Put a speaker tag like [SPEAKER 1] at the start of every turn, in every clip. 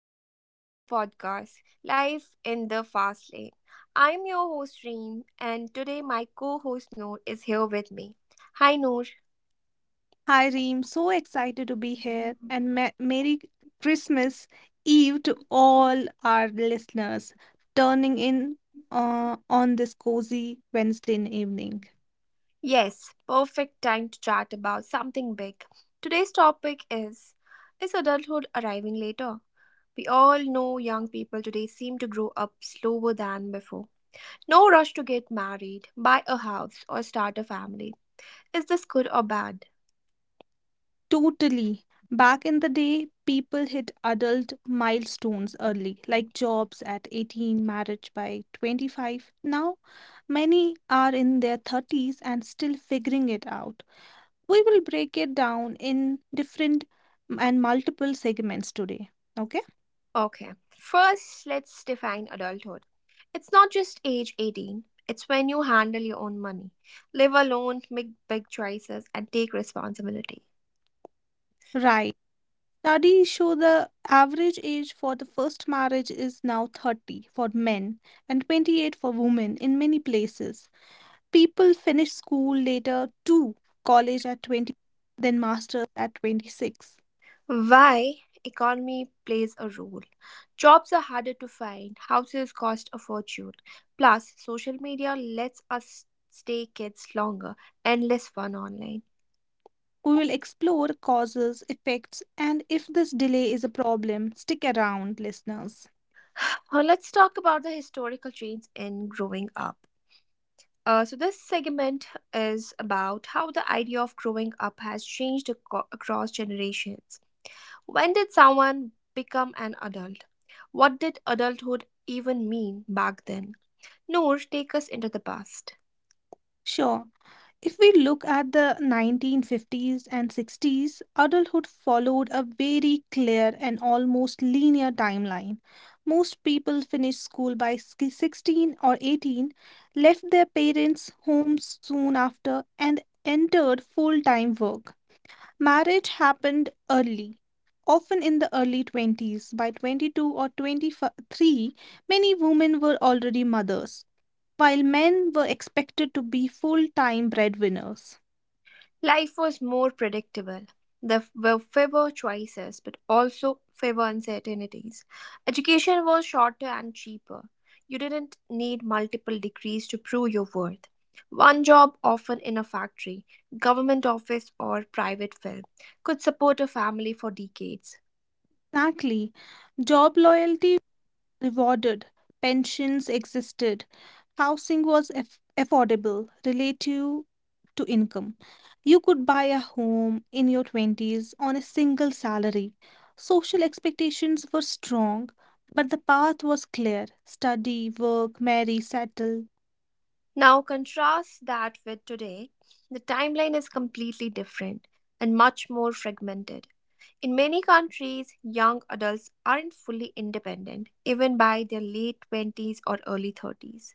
[SPEAKER 1] and welcome to our podcast, Life in the Fast Lane. I'm your host, Reem, and today my co host, Noor, is here with me. Hi, Noor.
[SPEAKER 2] Hi, Reem. So excited to be here. And Merry Christmas Eve to all our listeners turning in on this cozy Wednesday evening.
[SPEAKER 1] Yes, perfect time to chat about something big. Today's topic is: Is adulthood arriving later? We all know young people today seem to grow up slower than before. No rush to get married, buy a house, or start a family. Is this good or bad?
[SPEAKER 2] Totally. Back in the day, people hit adult milestones early, like jobs at 18, marriage by 25. Now, many are in their 30s and still figuring it out. We will break it down in different and multiple segments today. Okay.
[SPEAKER 1] Okay, first let's define adulthood. It's not just age 18, it's when you handle your own money, live alone, make big choices, and take responsibility.
[SPEAKER 2] Right. Studies show the average age for the first marriage is now 30 for men and 28 for women in many places. People finish school later too, college at 20, then masters at 26.
[SPEAKER 1] Why economy plays a role. Jobs are harder to find, houses cost a fortune. Plus, social media lets us stay kids longer and less fun online.
[SPEAKER 2] We will explore causes, effects, and if this delay is a problem. Stick around, listeners.
[SPEAKER 1] Let's talk about the historical change in growing up. This segment is about how the idea of growing up has changed across generations. When did someone become an adult? What did adulthood even mean back then? Noor, take us into the past.
[SPEAKER 2] Sure. If we look at the 1950s and 60s, adulthood followed a very clear and almost linear timeline. Most people finished school by 16 or 18, left their parents' homes soon after, and entered full time work. Marriage happened early, often in the early 20s. By 22 or 23, many women were already mothers, while men were expected to be full time breadwinners.
[SPEAKER 1] Life was more predictable. There were fewer choices, but also fewer uncertainties. Education was shorter and cheaper. You didn't need multiple degrees to prove your worth. One job, often in a factory, government office, or private firm, could support a family for decades.
[SPEAKER 2] Exactly. Job loyalty rewarded, pensions existed, housing was affordable relative to income. You could buy a home in your 20s on a single salary. Social expectations were strong, but the path was clear: study, work, marry, settle.
[SPEAKER 1] Now, contrast that with today. The timeline is completely different and much more fragmented. In many countries, young adults aren't fully independent, even by their late 20s or early 30s.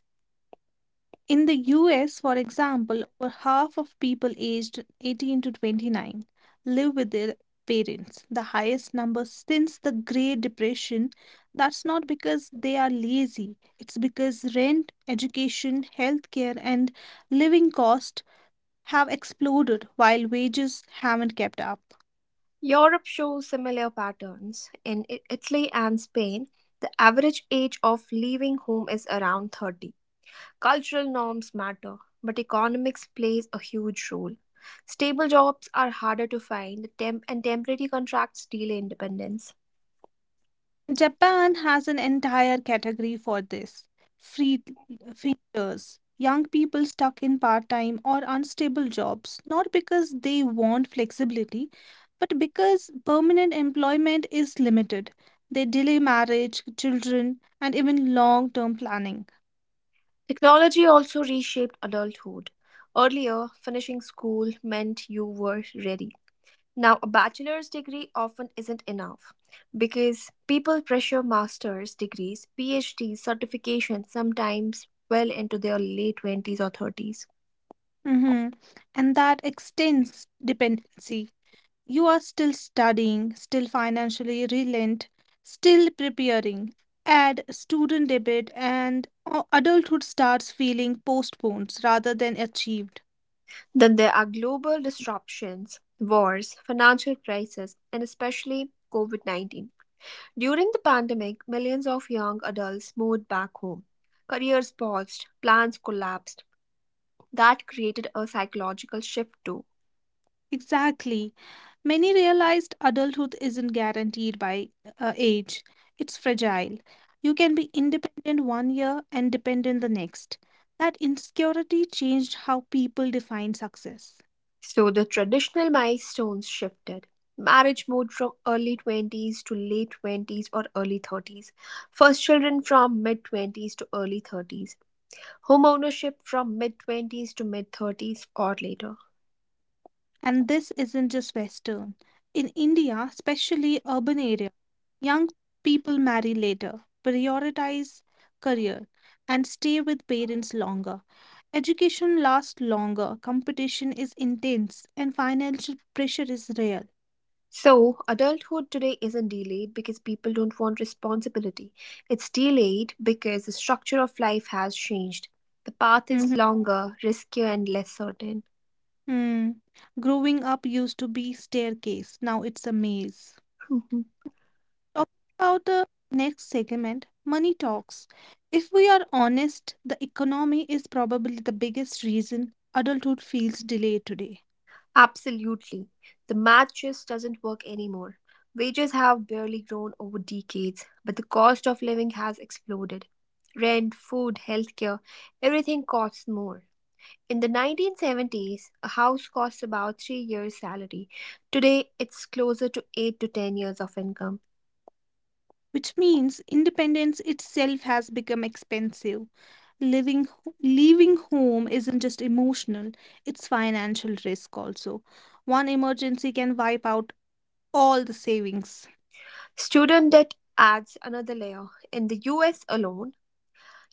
[SPEAKER 2] In the US, for example, over half of people aged 18 to 29 live with their parents, the highest number since the Great Depression. That's not because they are lazy, it's because rent, education, healthcare, and living costs have exploded while wages haven't kept up.
[SPEAKER 1] Europe shows similar patterns. In Italy and Spain, the average age of leaving home is around 30. Cultural norms matter, but economics plays a huge role. Stable jobs are harder to find, and temporary contracts delay independence.
[SPEAKER 2] Japan has an entire category for this: free freelancers, young people stuck in part time or unstable jobs, not because they want flexibility, but because permanent employment is limited. They delay marriage, children, and even long term planning.
[SPEAKER 1] Technology also reshaped adulthood. Earlier, finishing school meant you were ready. Now, a bachelor's degree often isn't enough because people pressure master's degrees, PhD certifications sometimes well into their late 20s or 30s.
[SPEAKER 2] Mhm. And that extends dependency. You are still studying, still financially reliant, still preparing. Add student debit, and adulthood starts feeling postponed rather than achieved.
[SPEAKER 1] Then there are global disruptions: wars, financial crisis, and especially COVID-19. During the pandemic, millions of young adults moved back home. Careers paused, plans collapsed. That created a psychological shift too.
[SPEAKER 2] Exactly. Many realized adulthood isn't guaranteed by age, it's fragile. You can be independent one year and dependent the next. That insecurity changed how people define success.
[SPEAKER 1] So the traditional milestones shifted. Marriage moved from early 20s to late 20s or early 30s. First children from mid 20s to early 30s. Homeownership from mid 20s to mid 30s or later.
[SPEAKER 2] And this isn't just Western. In India, especially urban areas, young people marry later, prioritize career, and stay with parents longer. Education lasts longer, competition is intense, and financial pressure is real.
[SPEAKER 1] So, adulthood today isn't delayed because people don't want responsibility. It's delayed because the structure of life has changed. The path is
[SPEAKER 2] Mhm.
[SPEAKER 1] longer, riskier, and less certain.
[SPEAKER 2] Hmm. Growing up used to be staircase, now it's a maze.
[SPEAKER 1] Mhm.
[SPEAKER 2] Talking about the next segment, money talks. If we are honest, the economy is probably the biggest reason adulthood feels delayed today.
[SPEAKER 1] Absolutely. The math just doesn't work anymore. Wages have barely grown over decades, but the cost of living has exploded. Rent, food, healthcare, everything costs more. In the 1970s, a house cost about 3 years' salary. Today, it's closer to eight to 10 years of income.
[SPEAKER 2] Which means independence itself has become expensive. Living, Leaving home isn't just emotional, it's financial risk also. One emergency can wipe out all the savings.
[SPEAKER 1] Student debt adds another layer. In the US alone,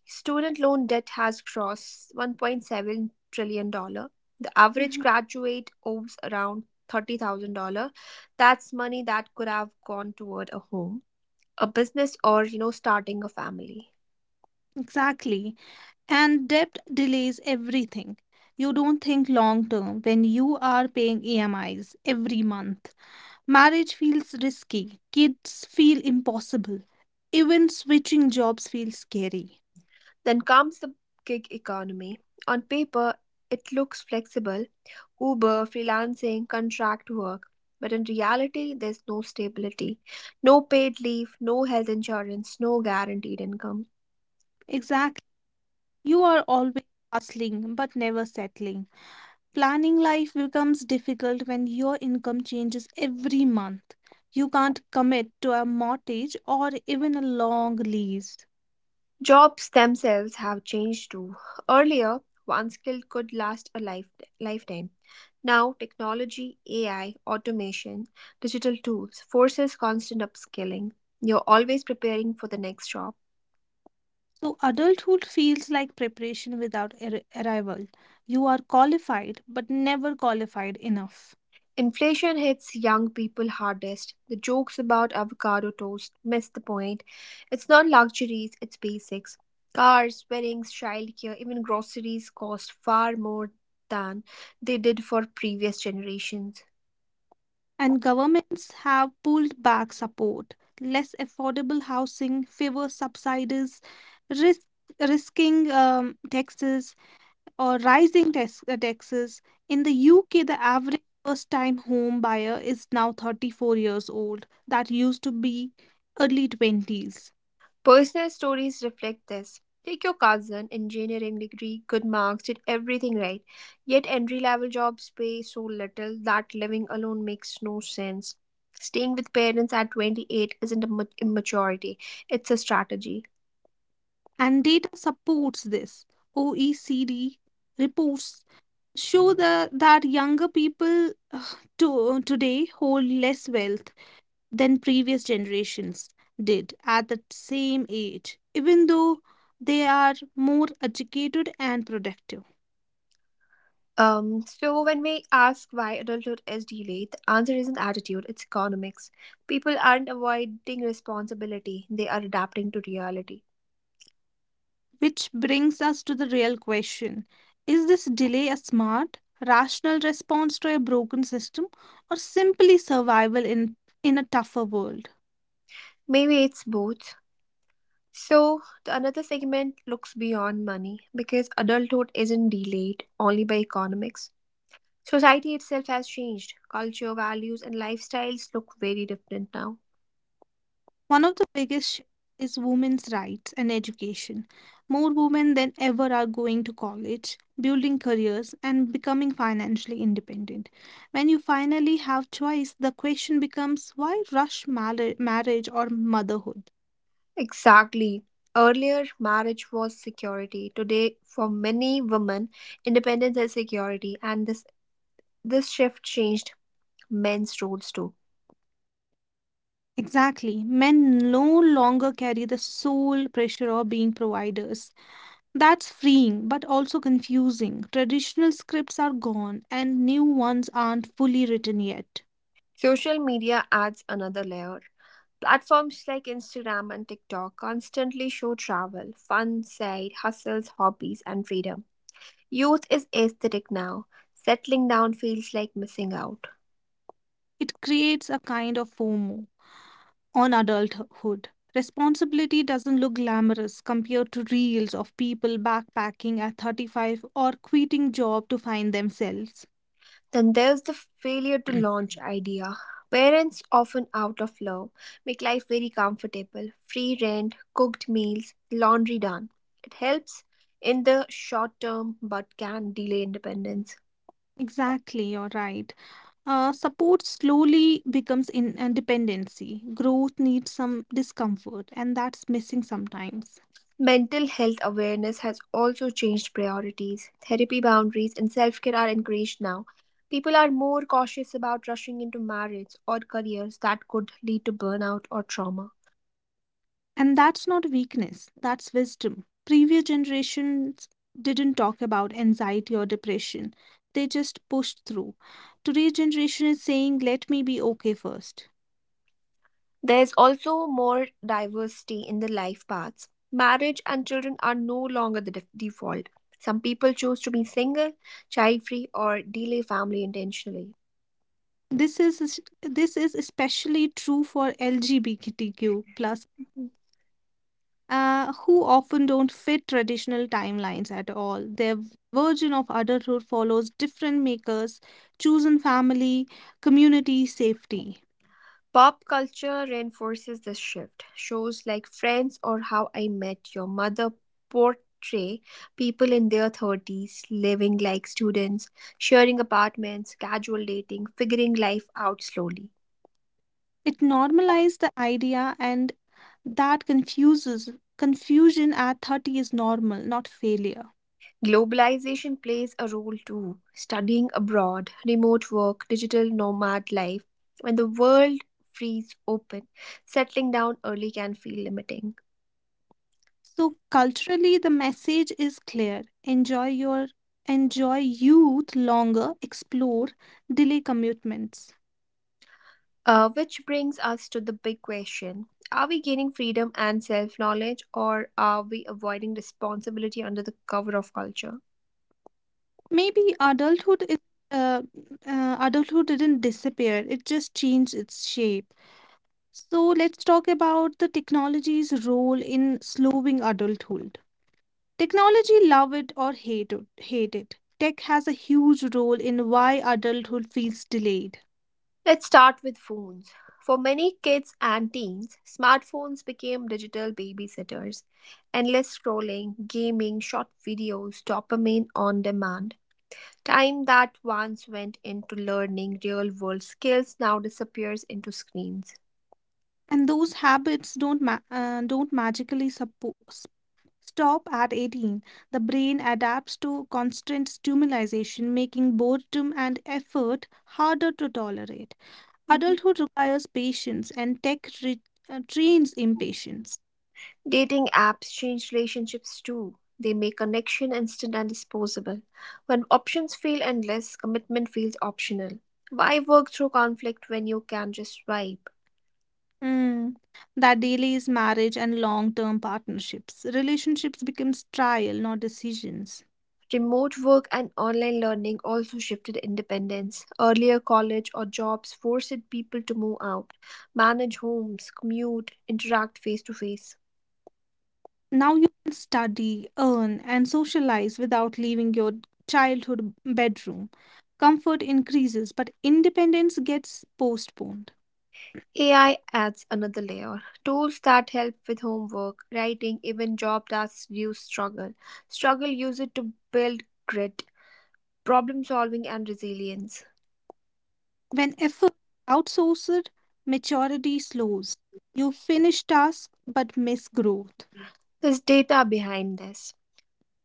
[SPEAKER 1] student loan debt has crossed $1.7 trillion dollars. The average
[SPEAKER 2] Mhm.
[SPEAKER 1] graduate owes around $30,000. That's money that could have gone toward a home, a business, or starting a family.
[SPEAKER 2] Exactly. And debt delays everything. You don't think long term when you are paying EMIs every month. Marriage feels risky, kids feel impossible, even switching jobs feels scary.
[SPEAKER 1] Then comes the gig economy. On paper, it looks flexible: Uber, freelancing, contract work. But in reality, there's no stability, no paid leave, no health insurance, no guaranteed income.
[SPEAKER 2] Exactly. You are always hustling but never settling. Planning life becomes difficult when your income changes every month. You can't commit to a mortgage or even a long lease.
[SPEAKER 1] Jobs themselves have changed too. Earlier, one skill could last a life, lifetime. Now, technology, AI, automation, digital tools forces constant upskilling. You're always preparing for the next job.
[SPEAKER 2] So, adulthood feels like preparation without arrival. You are qualified, but never qualified enough.
[SPEAKER 1] Inflation hits young people hardest. The jokes about avocado toast miss the point. It's not luxuries, it's basics. Cars, weddings, childcare, even groceries cost far more than they did for previous generations.
[SPEAKER 2] And governments have pulled back support. Less affordable housing favors subsidies, risk, risking taxes or rising taxes. In the UK, the average first time home buyer is now 34 years old. That used to be early 20s.
[SPEAKER 1] Personal stories reflect this. Take your cousin: engineering degree, good marks, did everything right. Yet entry level jobs pay so little that living alone makes no sense. Staying with parents at 28 isn't immaturity, it's a strategy.
[SPEAKER 2] And data supports this. OECD reports show that younger people today hold less wealth than previous generations did at the same age, even though they are more educated and productive.
[SPEAKER 1] So when we ask why adulthood is delayed, the answer isn't attitude, it's economics. People aren't avoiding responsibility, they are adapting to reality.
[SPEAKER 2] Which brings us to the real question: is this delay a smart, rational response to a broken system, or simply survival in a tougher world?
[SPEAKER 1] Maybe it's both. So the another segment looks beyond money because adulthood isn't delayed only by economics. Society itself has changed. Culture, values, and lifestyles look very different now.
[SPEAKER 2] One of the biggest shifts is women's rights and education. More women than ever are going to college, building careers, and becoming financially independent. When you finally have choice, the question becomes: why rush marriage or motherhood?
[SPEAKER 1] Exactly. Earlier, marriage was security. Today, for many women, independence is security, and this shift changed men's roles too.
[SPEAKER 2] Exactly. Men no longer carry the sole pressure of being providers. That's freeing, but also confusing. Traditional scripts are gone, and new ones aren't fully written yet.
[SPEAKER 1] Social media adds another layer. Platforms like Instagram and TikTok constantly show travel, fun, side hustles, hobbies, and freedom. Youth is aesthetic now. Settling down feels like missing out.
[SPEAKER 2] It creates a kind of FOMO on adulthood. Responsibility doesn't look glamorous compared to reels of people backpacking at 35 or quitting job to find themselves.
[SPEAKER 1] Then there's the failure to launch idea. Parents, often out of love, make life very comfortable: free rent, cooked meals, laundry done. It helps in the short term but can delay independence.
[SPEAKER 2] Exactly, you're right. Support slowly becomes dependency. Growth needs some discomfort, and that's missing sometimes.
[SPEAKER 1] Mental health awareness has also changed priorities. Therapy boundaries and self care are encouraged now. People are more cautious about rushing into marriage or careers that could lead to burnout or trauma.
[SPEAKER 2] And that's not weakness, that's wisdom. Previous generations didn't talk about anxiety or depression, they just pushed through. Today's generation is saying, let me be okay first.
[SPEAKER 1] There's also more diversity in the life paths. Marriage and children are no longer the default. Some people choose to be single, child free, or delay family intentionally.
[SPEAKER 2] This is especially true for LGBTQ plus,
[SPEAKER 1] Mhm.
[SPEAKER 2] who often don't fit traditional timelines at all. Their version of adulthood follows different makers: chosen family, community, safety.
[SPEAKER 1] Pop culture reinforces this shift. Shows like Friends or How I Met Your Mother portray people in their 30s living like students, sharing apartments, casual dating, figuring life out slowly.
[SPEAKER 2] It normalized the idea, and that confuses confusion at 30 is normal, not failure.
[SPEAKER 1] Globalization plays a role too. Studying abroad, remote work, digital nomad life. When the world frees open, settling down early can feel limiting.
[SPEAKER 2] So culturally the message is clear. Enjoy youth longer, explore, delay commitments.
[SPEAKER 1] Which brings us to the big question: Are we gaining freedom and self knowledge, or are we avoiding responsibility under the cover of culture?
[SPEAKER 2] Maybe adulthood is. uh, Adulthood didn't disappear, it just changed its shape. So let's talk about the technology's role in slowing adulthood. Technology, love it or hate it, hate it. Tech has a huge role in why adulthood feels delayed.
[SPEAKER 1] Let's start with phones. For many kids and teens, smartphones became digital babysitters. Endless scrolling, gaming, short videos, dopamine on demand. Time that once went into learning real world skills now disappears into screens.
[SPEAKER 2] And those habits don't magically stop at 18. The brain adapts to constant stimulation, making boredom and effort harder to tolerate.
[SPEAKER 1] Mhm.
[SPEAKER 2] Adulthood requires patience, and tech trains impatience.
[SPEAKER 1] Dating apps change relationships too. They make connection instant and disposable. When options feel endless, commitment feels optional. Why work through conflict when you can just swipe?
[SPEAKER 2] Mm. That daily is marriage and long-term partnerships. Relationships becomes trial, not decisions.
[SPEAKER 1] Remote work and online learning also shifted independence. Earlier, college or jobs forced people to move out, manage homes, commute, interact face to face.
[SPEAKER 2] Now you can study, earn, and socialize without leaving your childhood bedroom. Comfort increases, but independence gets postponed.
[SPEAKER 1] AI adds another layer. Tools that help with homework, writing, even job tasks reduce struggle. Struggle use it to build grit, problem solving, and resilience.
[SPEAKER 2] When effort is outsourced, maturity slows. You finish tasks but miss growth.
[SPEAKER 1] There's data behind this.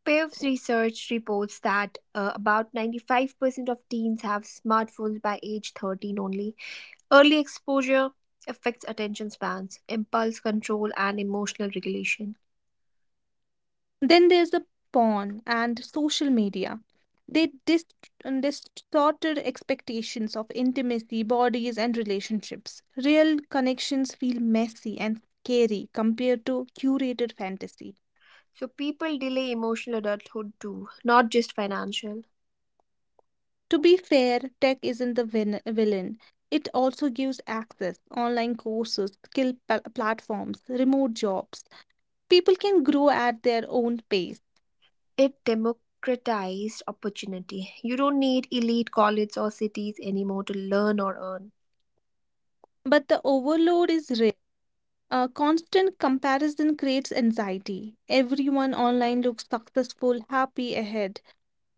[SPEAKER 1] Pav's research reports that about 95% of teens have smartphones by age 13 only. Early exposure affects attention spans, impulse control, and emotional regulation.
[SPEAKER 2] Then there's the porn and social media. They distorted expectations of intimacy, bodies, and relationships. Real connections feel messy and scary compared to curated fantasy.
[SPEAKER 1] So people delay emotional adulthood too, not just financial.
[SPEAKER 2] To be fair, tech isn't the villain. It also gives access: online courses, skill platforms, remote jobs. People can grow at their own pace,
[SPEAKER 1] It democratized opportunity. You don't need elite colleges or cities anymore to learn or earn.
[SPEAKER 2] but the overload is. Constant comparison creates anxiety. Everyone online looks successful, happy ahead.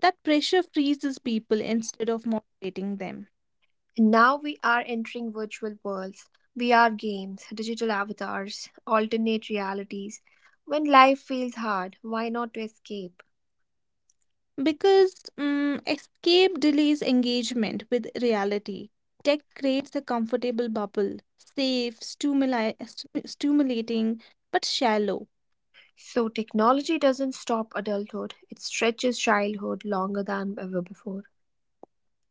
[SPEAKER 2] That pressure freezes people instead of motivating them.
[SPEAKER 1] Now we are entering virtual worlds, VR games, digital avatars, alternate realities. When life feels hard, why not to escape?
[SPEAKER 2] Because escape delays engagement with reality. Tech creates a comfortable bubble: safe, stimulating, but shallow.
[SPEAKER 1] So technology doesn't stop adulthood, it stretches childhood longer than ever before.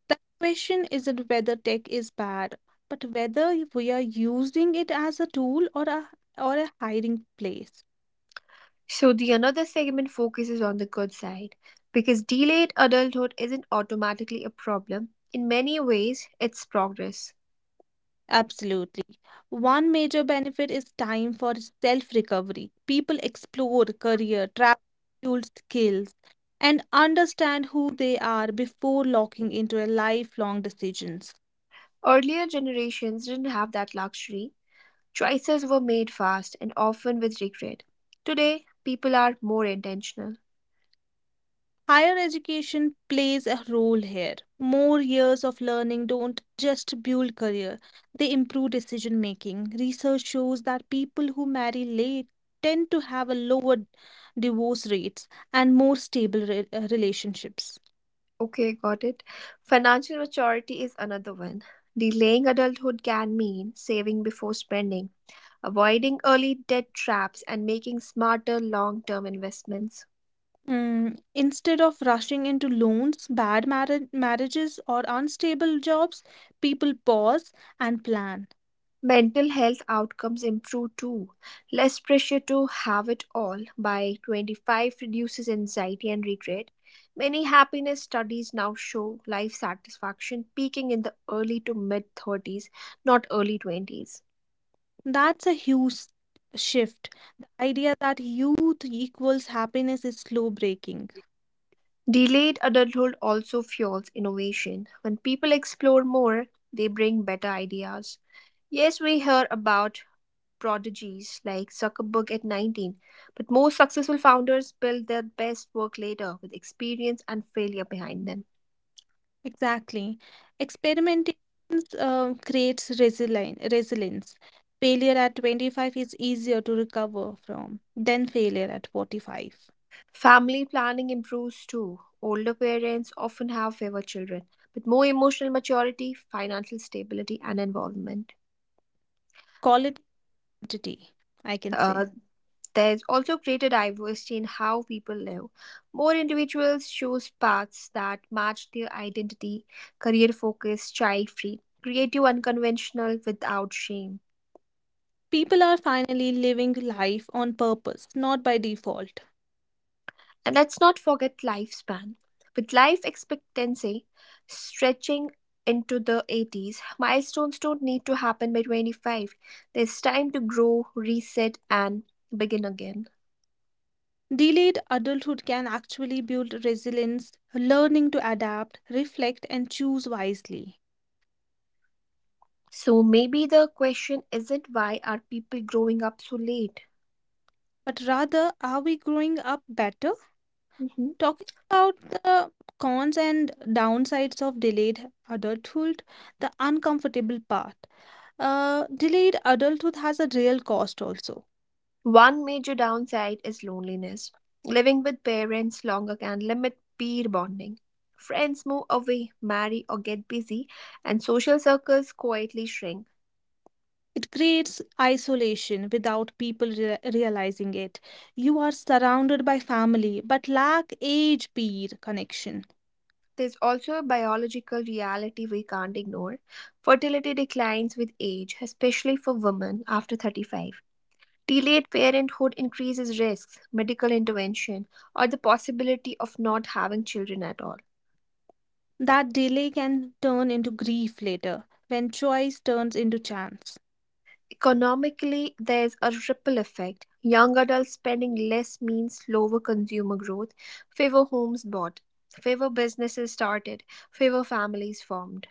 [SPEAKER 2] The question isn't whether tech is bad, but whether we are using it as a tool or a hiding place.
[SPEAKER 1] So the another segment focuses on the good side because delayed adulthood isn't automatically a problem. In many ways, it's progress.
[SPEAKER 2] Absolutely. One major benefit is time for self recovery. People explore career, travel, fuel skills, and understand who they are before locking into a lifelong decisions.
[SPEAKER 1] Earlier generations didn't have that luxury. Choices were made fast and often with regret. Today, people are more intentional.
[SPEAKER 2] Higher education plays a role here. More years of learning don't just build career, they improve decision making. Research shows that people who marry late tend to have a lower divorce rates and more stable relationships.
[SPEAKER 1] Okay, got it. Financial maturity is another one. Delaying adulthood can mean saving before spending, avoiding early debt traps, and making smarter long term investments.
[SPEAKER 2] Instead of rushing into loans, bad marriages, or unstable jobs, people pause and plan.
[SPEAKER 1] Mental health outcomes improve too. Less pressure to have it all by 25 reduces anxiety and regret. Many happiness studies now show life satisfaction peaking in the early to mid 30s, not early 20s.
[SPEAKER 2] That's a huge shift. The idea that youth equals happiness is slow breaking.
[SPEAKER 1] Delayed adulthood also fuels innovation. When people explore more, they bring better ideas. Yes, we hear about prodigies like Zuckerberg at 19, but most successful founders build their best work later with experience and failure behind them.
[SPEAKER 2] Exactly. Experimentation creates resilience. Failure at 25 is easier to recover from than failure at 45.
[SPEAKER 1] Family planning improves too. Older parents often have fewer children, but more emotional maturity, financial stability, and involvement.
[SPEAKER 2] Call it identity, I can say.
[SPEAKER 1] Uh, there's also greater diversity in how people live. More individuals choose paths that match their identity: career focus, child free, creative, unconventional, without shame.
[SPEAKER 2] People are finally living life on purpose, not by default.
[SPEAKER 1] And let's not forget lifespan. With life expectancy stretching into the 80s, milestones don't need to happen by 25. There's time to grow, reset, and begin again.
[SPEAKER 2] Delayed adulthood can actually build resilience, learning to adapt, reflect, and choose wisely.
[SPEAKER 1] So maybe the question isn't, why are people growing up so late?
[SPEAKER 2] But rather, are we growing up better?
[SPEAKER 1] Mhm.
[SPEAKER 2] Talking about the cons and downsides of delayed adulthood, the uncomfortable part. Delayed adulthood has a real cost also.
[SPEAKER 1] One major downside is loneliness. Living with parents longer can limit peer bonding. Friends move away, marry, or get busy, and social circles quietly shrink.
[SPEAKER 2] It creates isolation without people realizing it. You are surrounded by family but lack age peer connection.
[SPEAKER 1] There's also a biological reality we can't ignore. Fertility declines with age, especially for women after 35. Delayed parenthood increases risks, medical intervention, or the possibility of not having children at all.
[SPEAKER 2] That delay can turn into grief later when choice turns into chance.
[SPEAKER 1] Economically, there's a ripple effect. Young adults spending less means lower consumer growth, fewer homes bought, fewer businesses started, fewer families formed.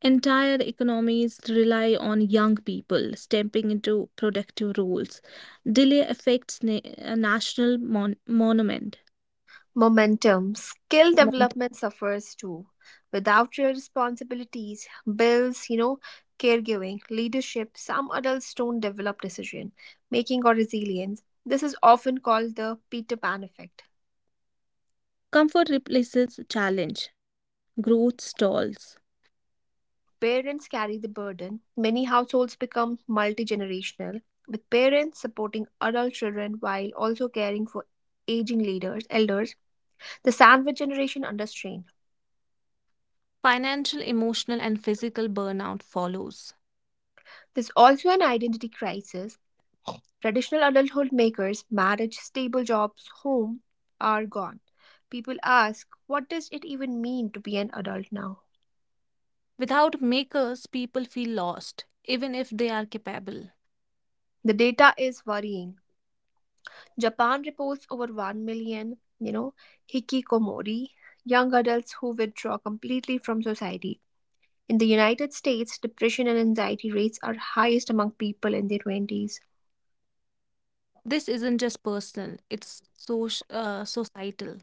[SPEAKER 2] Entire economies rely on young people stepping into productive roles. Delay affects a national monument.
[SPEAKER 1] Momentum. Skill development suffers too. Without real responsibilities, bills, caregiving, leadership, some adults don't develop decision making or resilience. This is often called the Peter Pan effect.
[SPEAKER 2] Comfort replaces challenge, growth stalls.
[SPEAKER 1] Parents carry the burden. Many households become multi generational, with parents supporting adult children while also caring for aging leaders, elders, the sandwich generation under strain.
[SPEAKER 2] Financial, emotional, and physical burnout follows.
[SPEAKER 1] There's also an identity crisis: Traditional adulthood makers, marriage, stable jobs, home, are gone. People ask, what does it even mean to be an adult now?
[SPEAKER 2] Without makers, people feel lost, even if they are capable.
[SPEAKER 1] The data is worrying. Japan reports over 1 million, hikikomori, young adults who withdraw completely from society. In the United States, depression and anxiety rates are highest among people in their 20s.
[SPEAKER 2] This isn't just personal, it's so, societal.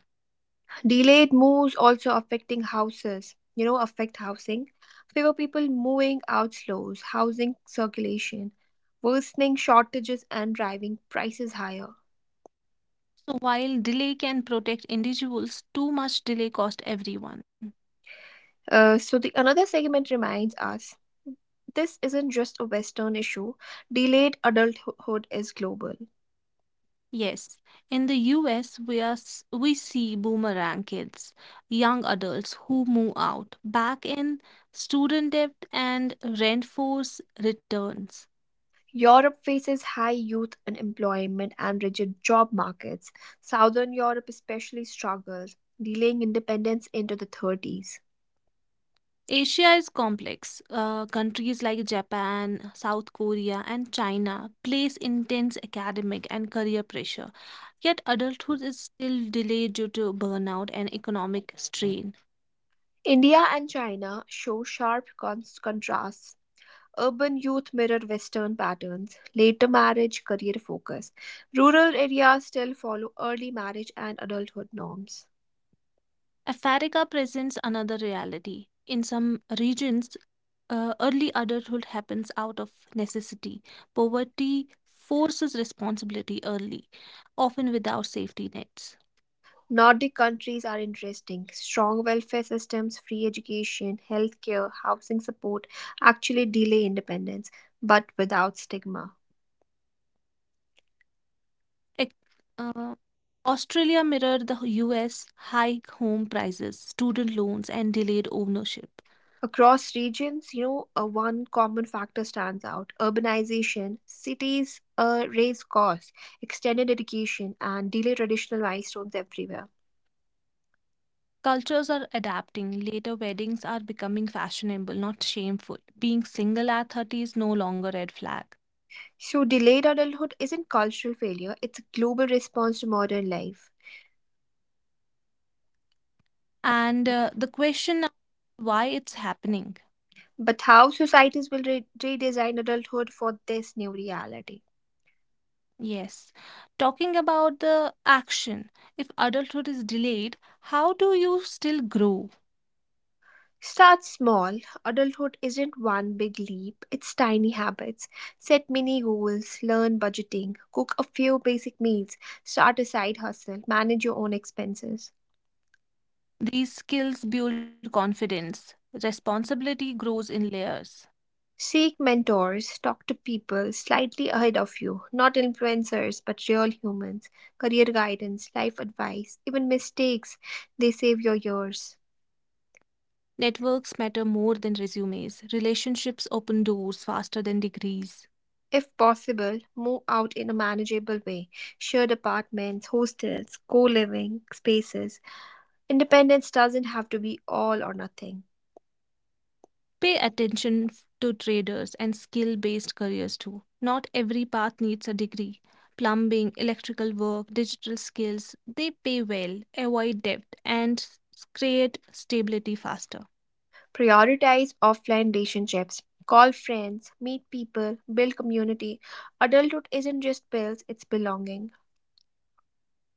[SPEAKER 1] Delayed moves also affecting affect housing. Fewer people moving out slows housing circulation, worsening shortages and driving prices higher.
[SPEAKER 2] So, while delay can protect individuals, too much delay costs everyone.
[SPEAKER 1] So the another segment reminds us this isn't just a Western issue. Delayed adulthood is global.
[SPEAKER 2] Yes, in the US, we see boomerang kids, young adults who move out back in student debt and rent force returns.
[SPEAKER 1] Europe faces high youth unemployment and rigid job markets. Southern Europe especially struggles, delaying independence into the 30s.
[SPEAKER 2] Asia is complex. Countries like Japan, South Korea, and China place intense academic and career pressure. Yet adulthood is still delayed due to burnout and economic strain.
[SPEAKER 1] India and China show sharp contrasts. Urban youth mirror Western patterns, later marriage, career focus. Rural areas still follow early marriage and adulthood norms.
[SPEAKER 2] Africa presents another reality. In some regions, early adulthood happens out of necessity. Poverty forces responsibility early, often without safety nets.
[SPEAKER 1] Nordic countries are interesting. Strong welfare systems, free education, healthcare, housing support actually delay independence, but without stigma.
[SPEAKER 2] Ec- uh, Australia mirrored the US: high home prices, student loans, and delayed ownership.
[SPEAKER 1] Across regions, one common factor stands out urbanization. Cities raise costs, extended education, and delay traditional milestones everywhere.
[SPEAKER 2] Cultures are adapting. Later weddings are becoming fashionable, not shameful. Being single at 30 is no longer red flag.
[SPEAKER 1] So, delayed adulthood isn't cultural failure, it's a global response to modern life.
[SPEAKER 2] And the question now: why it's happening?
[SPEAKER 1] But how societies will redesign adulthood for this new reality?
[SPEAKER 2] Yes. Talking about the action, if adulthood is delayed, how do you still grow?
[SPEAKER 1] Start small. Adulthood isn't one big leap, it's tiny habits. Set mini goals, learn budgeting, cook a few basic meals, start a side hustle, manage your own expenses.
[SPEAKER 2] These skills build confidence. Responsibility grows in layers.
[SPEAKER 1] Seek mentors, talk to people slightly ahead of you, not influencers but real humans, career guidance, life advice, even mistakes, they save your years.
[SPEAKER 2] Networks matter more than resumes. Relationships open doors faster than degrees.
[SPEAKER 1] If possible, move out in a manageable way. Shared apartments, hostels, co living spaces. Independence doesn't have to be all or nothing.
[SPEAKER 2] Pay attention to traders and skill based careers too. Not every path needs a degree. Plumbing, electrical work, digital skills, they pay well, avoid debt, and create stability faster.
[SPEAKER 1] Prioritize offline relationships. Call friends, meet people, build community. Adulthood isn't just bills, it's belonging.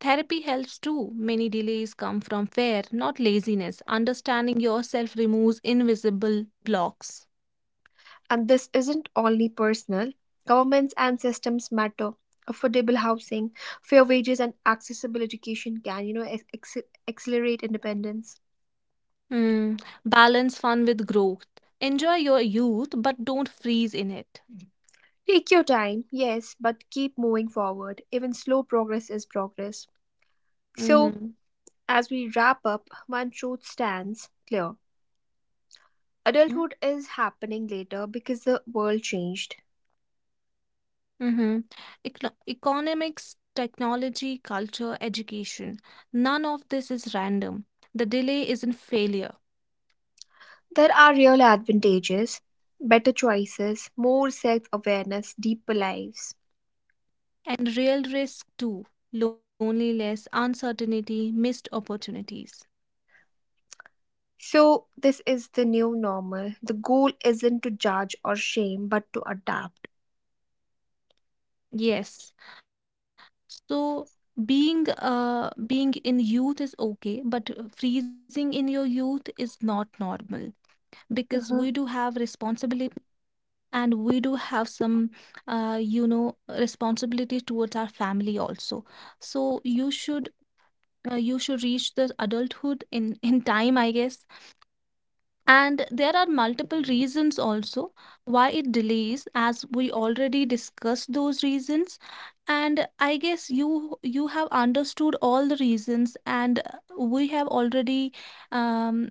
[SPEAKER 2] Therapy helps too. Many delays come from fear, not laziness. Understanding yourself removes invisible blocks.
[SPEAKER 1] And this isn't only personal. Governments and systems matter. Affordable housing, fair wages, and accessible education can accelerate independence.
[SPEAKER 2] Hmm. Balance fun with growth. Enjoy your youth, but don't freeze in it.
[SPEAKER 1] Take your time, yes, but keep moving forward. Even slow progress is progress. So,
[SPEAKER 2] Mhm.
[SPEAKER 1] as we wrap up, one truth stands clear adulthood is happening later because the world changed.
[SPEAKER 2] Mm-hmm. Economics, technology, culture, education. None of this is random. The delay isn't failure.
[SPEAKER 1] There are real advantages, better choices, more self awareness, deeper lives.
[SPEAKER 2] And real risk too: loneliness, uncertainty, missed opportunities.
[SPEAKER 1] So, this is the new normal. The goal isn't to judge or shame, but to adapt.
[SPEAKER 2] Yes. So, being in youth is okay, but freezing in your youth is not normal, because
[SPEAKER 1] Mhm.
[SPEAKER 2] we do have responsibilities, and we do have some responsibility towards our family also. So you should reach the adulthood in time, I guess. And there are multiple reasons also why it delays, as we already discussed those reasons. And I guess you have understood all the reasons, and we have already um,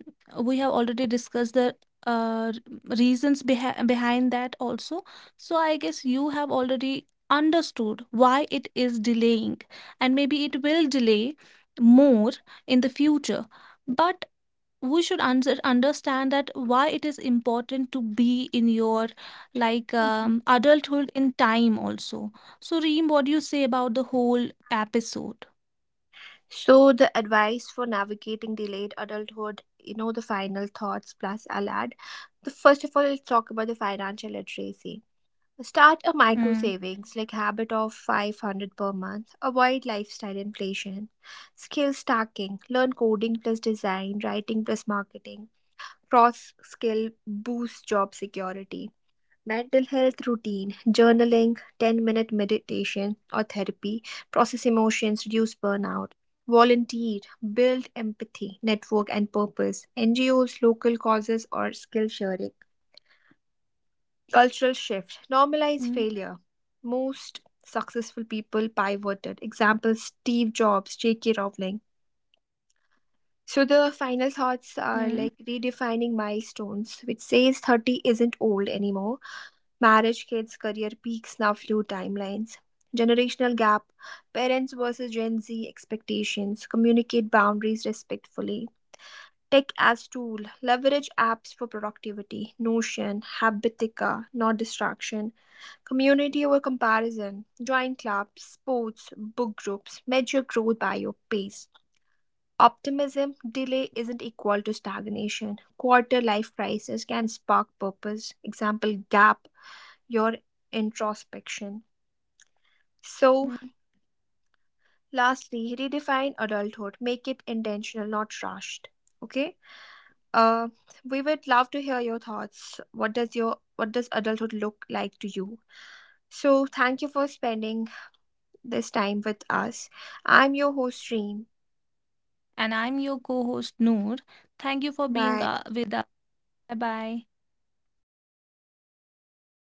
[SPEAKER 2] we have already discussed the uh, reasons behind that also. So I guess you have already understood why it is delaying, and maybe it will delay more in the future. But we should understand that why it is important to be in your
[SPEAKER 1] Mhm.
[SPEAKER 2] adulthood in time also. So, Reem, what do you say about the whole episode?
[SPEAKER 1] So, the advice for navigating delayed adulthood, the final thoughts plus I'll add. The, first of all, let's talk about the financial literacy. Start a micro
[SPEAKER 2] Mm,
[SPEAKER 1] savings like habit of 500 per month, avoid lifestyle inflation, skill stacking, learn coding plus design, writing plus marketing, cross skill boost job security, mental health routine, journaling, 10-minute meditation or therapy, process emotions, reduce burnout. Volunteer, build empathy, network, and purpose. NGOs, local causes, or skill sharing.
[SPEAKER 2] mm,
[SPEAKER 1] Cultural shift. Normalize failure. Most successful people pivoted. Examples Steve Jobs, J.K. Rowling. So
[SPEAKER 2] mm,
[SPEAKER 1] the final thoughts are like redefining milestones, which says 30 isn't old anymore. Marriage, kids, career peaks, now flew timelines. Generational gap, parents versus Gen Z expectations, communicate boundaries respectfully. Tech as tool, leverage apps for productivity, Notion, Habitica, not distraction. Community over comparison. Join clubs, sports, book groups. Measure growth by your pace. Optimism. Delay isn't equal to stagnation. Quarter life crisis can spark purpose. Example gap. Your introspection. So,
[SPEAKER 2] mm.
[SPEAKER 1] lastly, redefine adulthood. Make it intentional, not rushed. Okay. Uh, we would love to hear your thoughts. What does your what does adulthood look like to you? So, thank you for spending this time with us. I'm your host, Reem.
[SPEAKER 2] And I'm your co host, Noor. Thank you for being
[SPEAKER 1] Bye.
[SPEAKER 2] with us. Bye bye. 30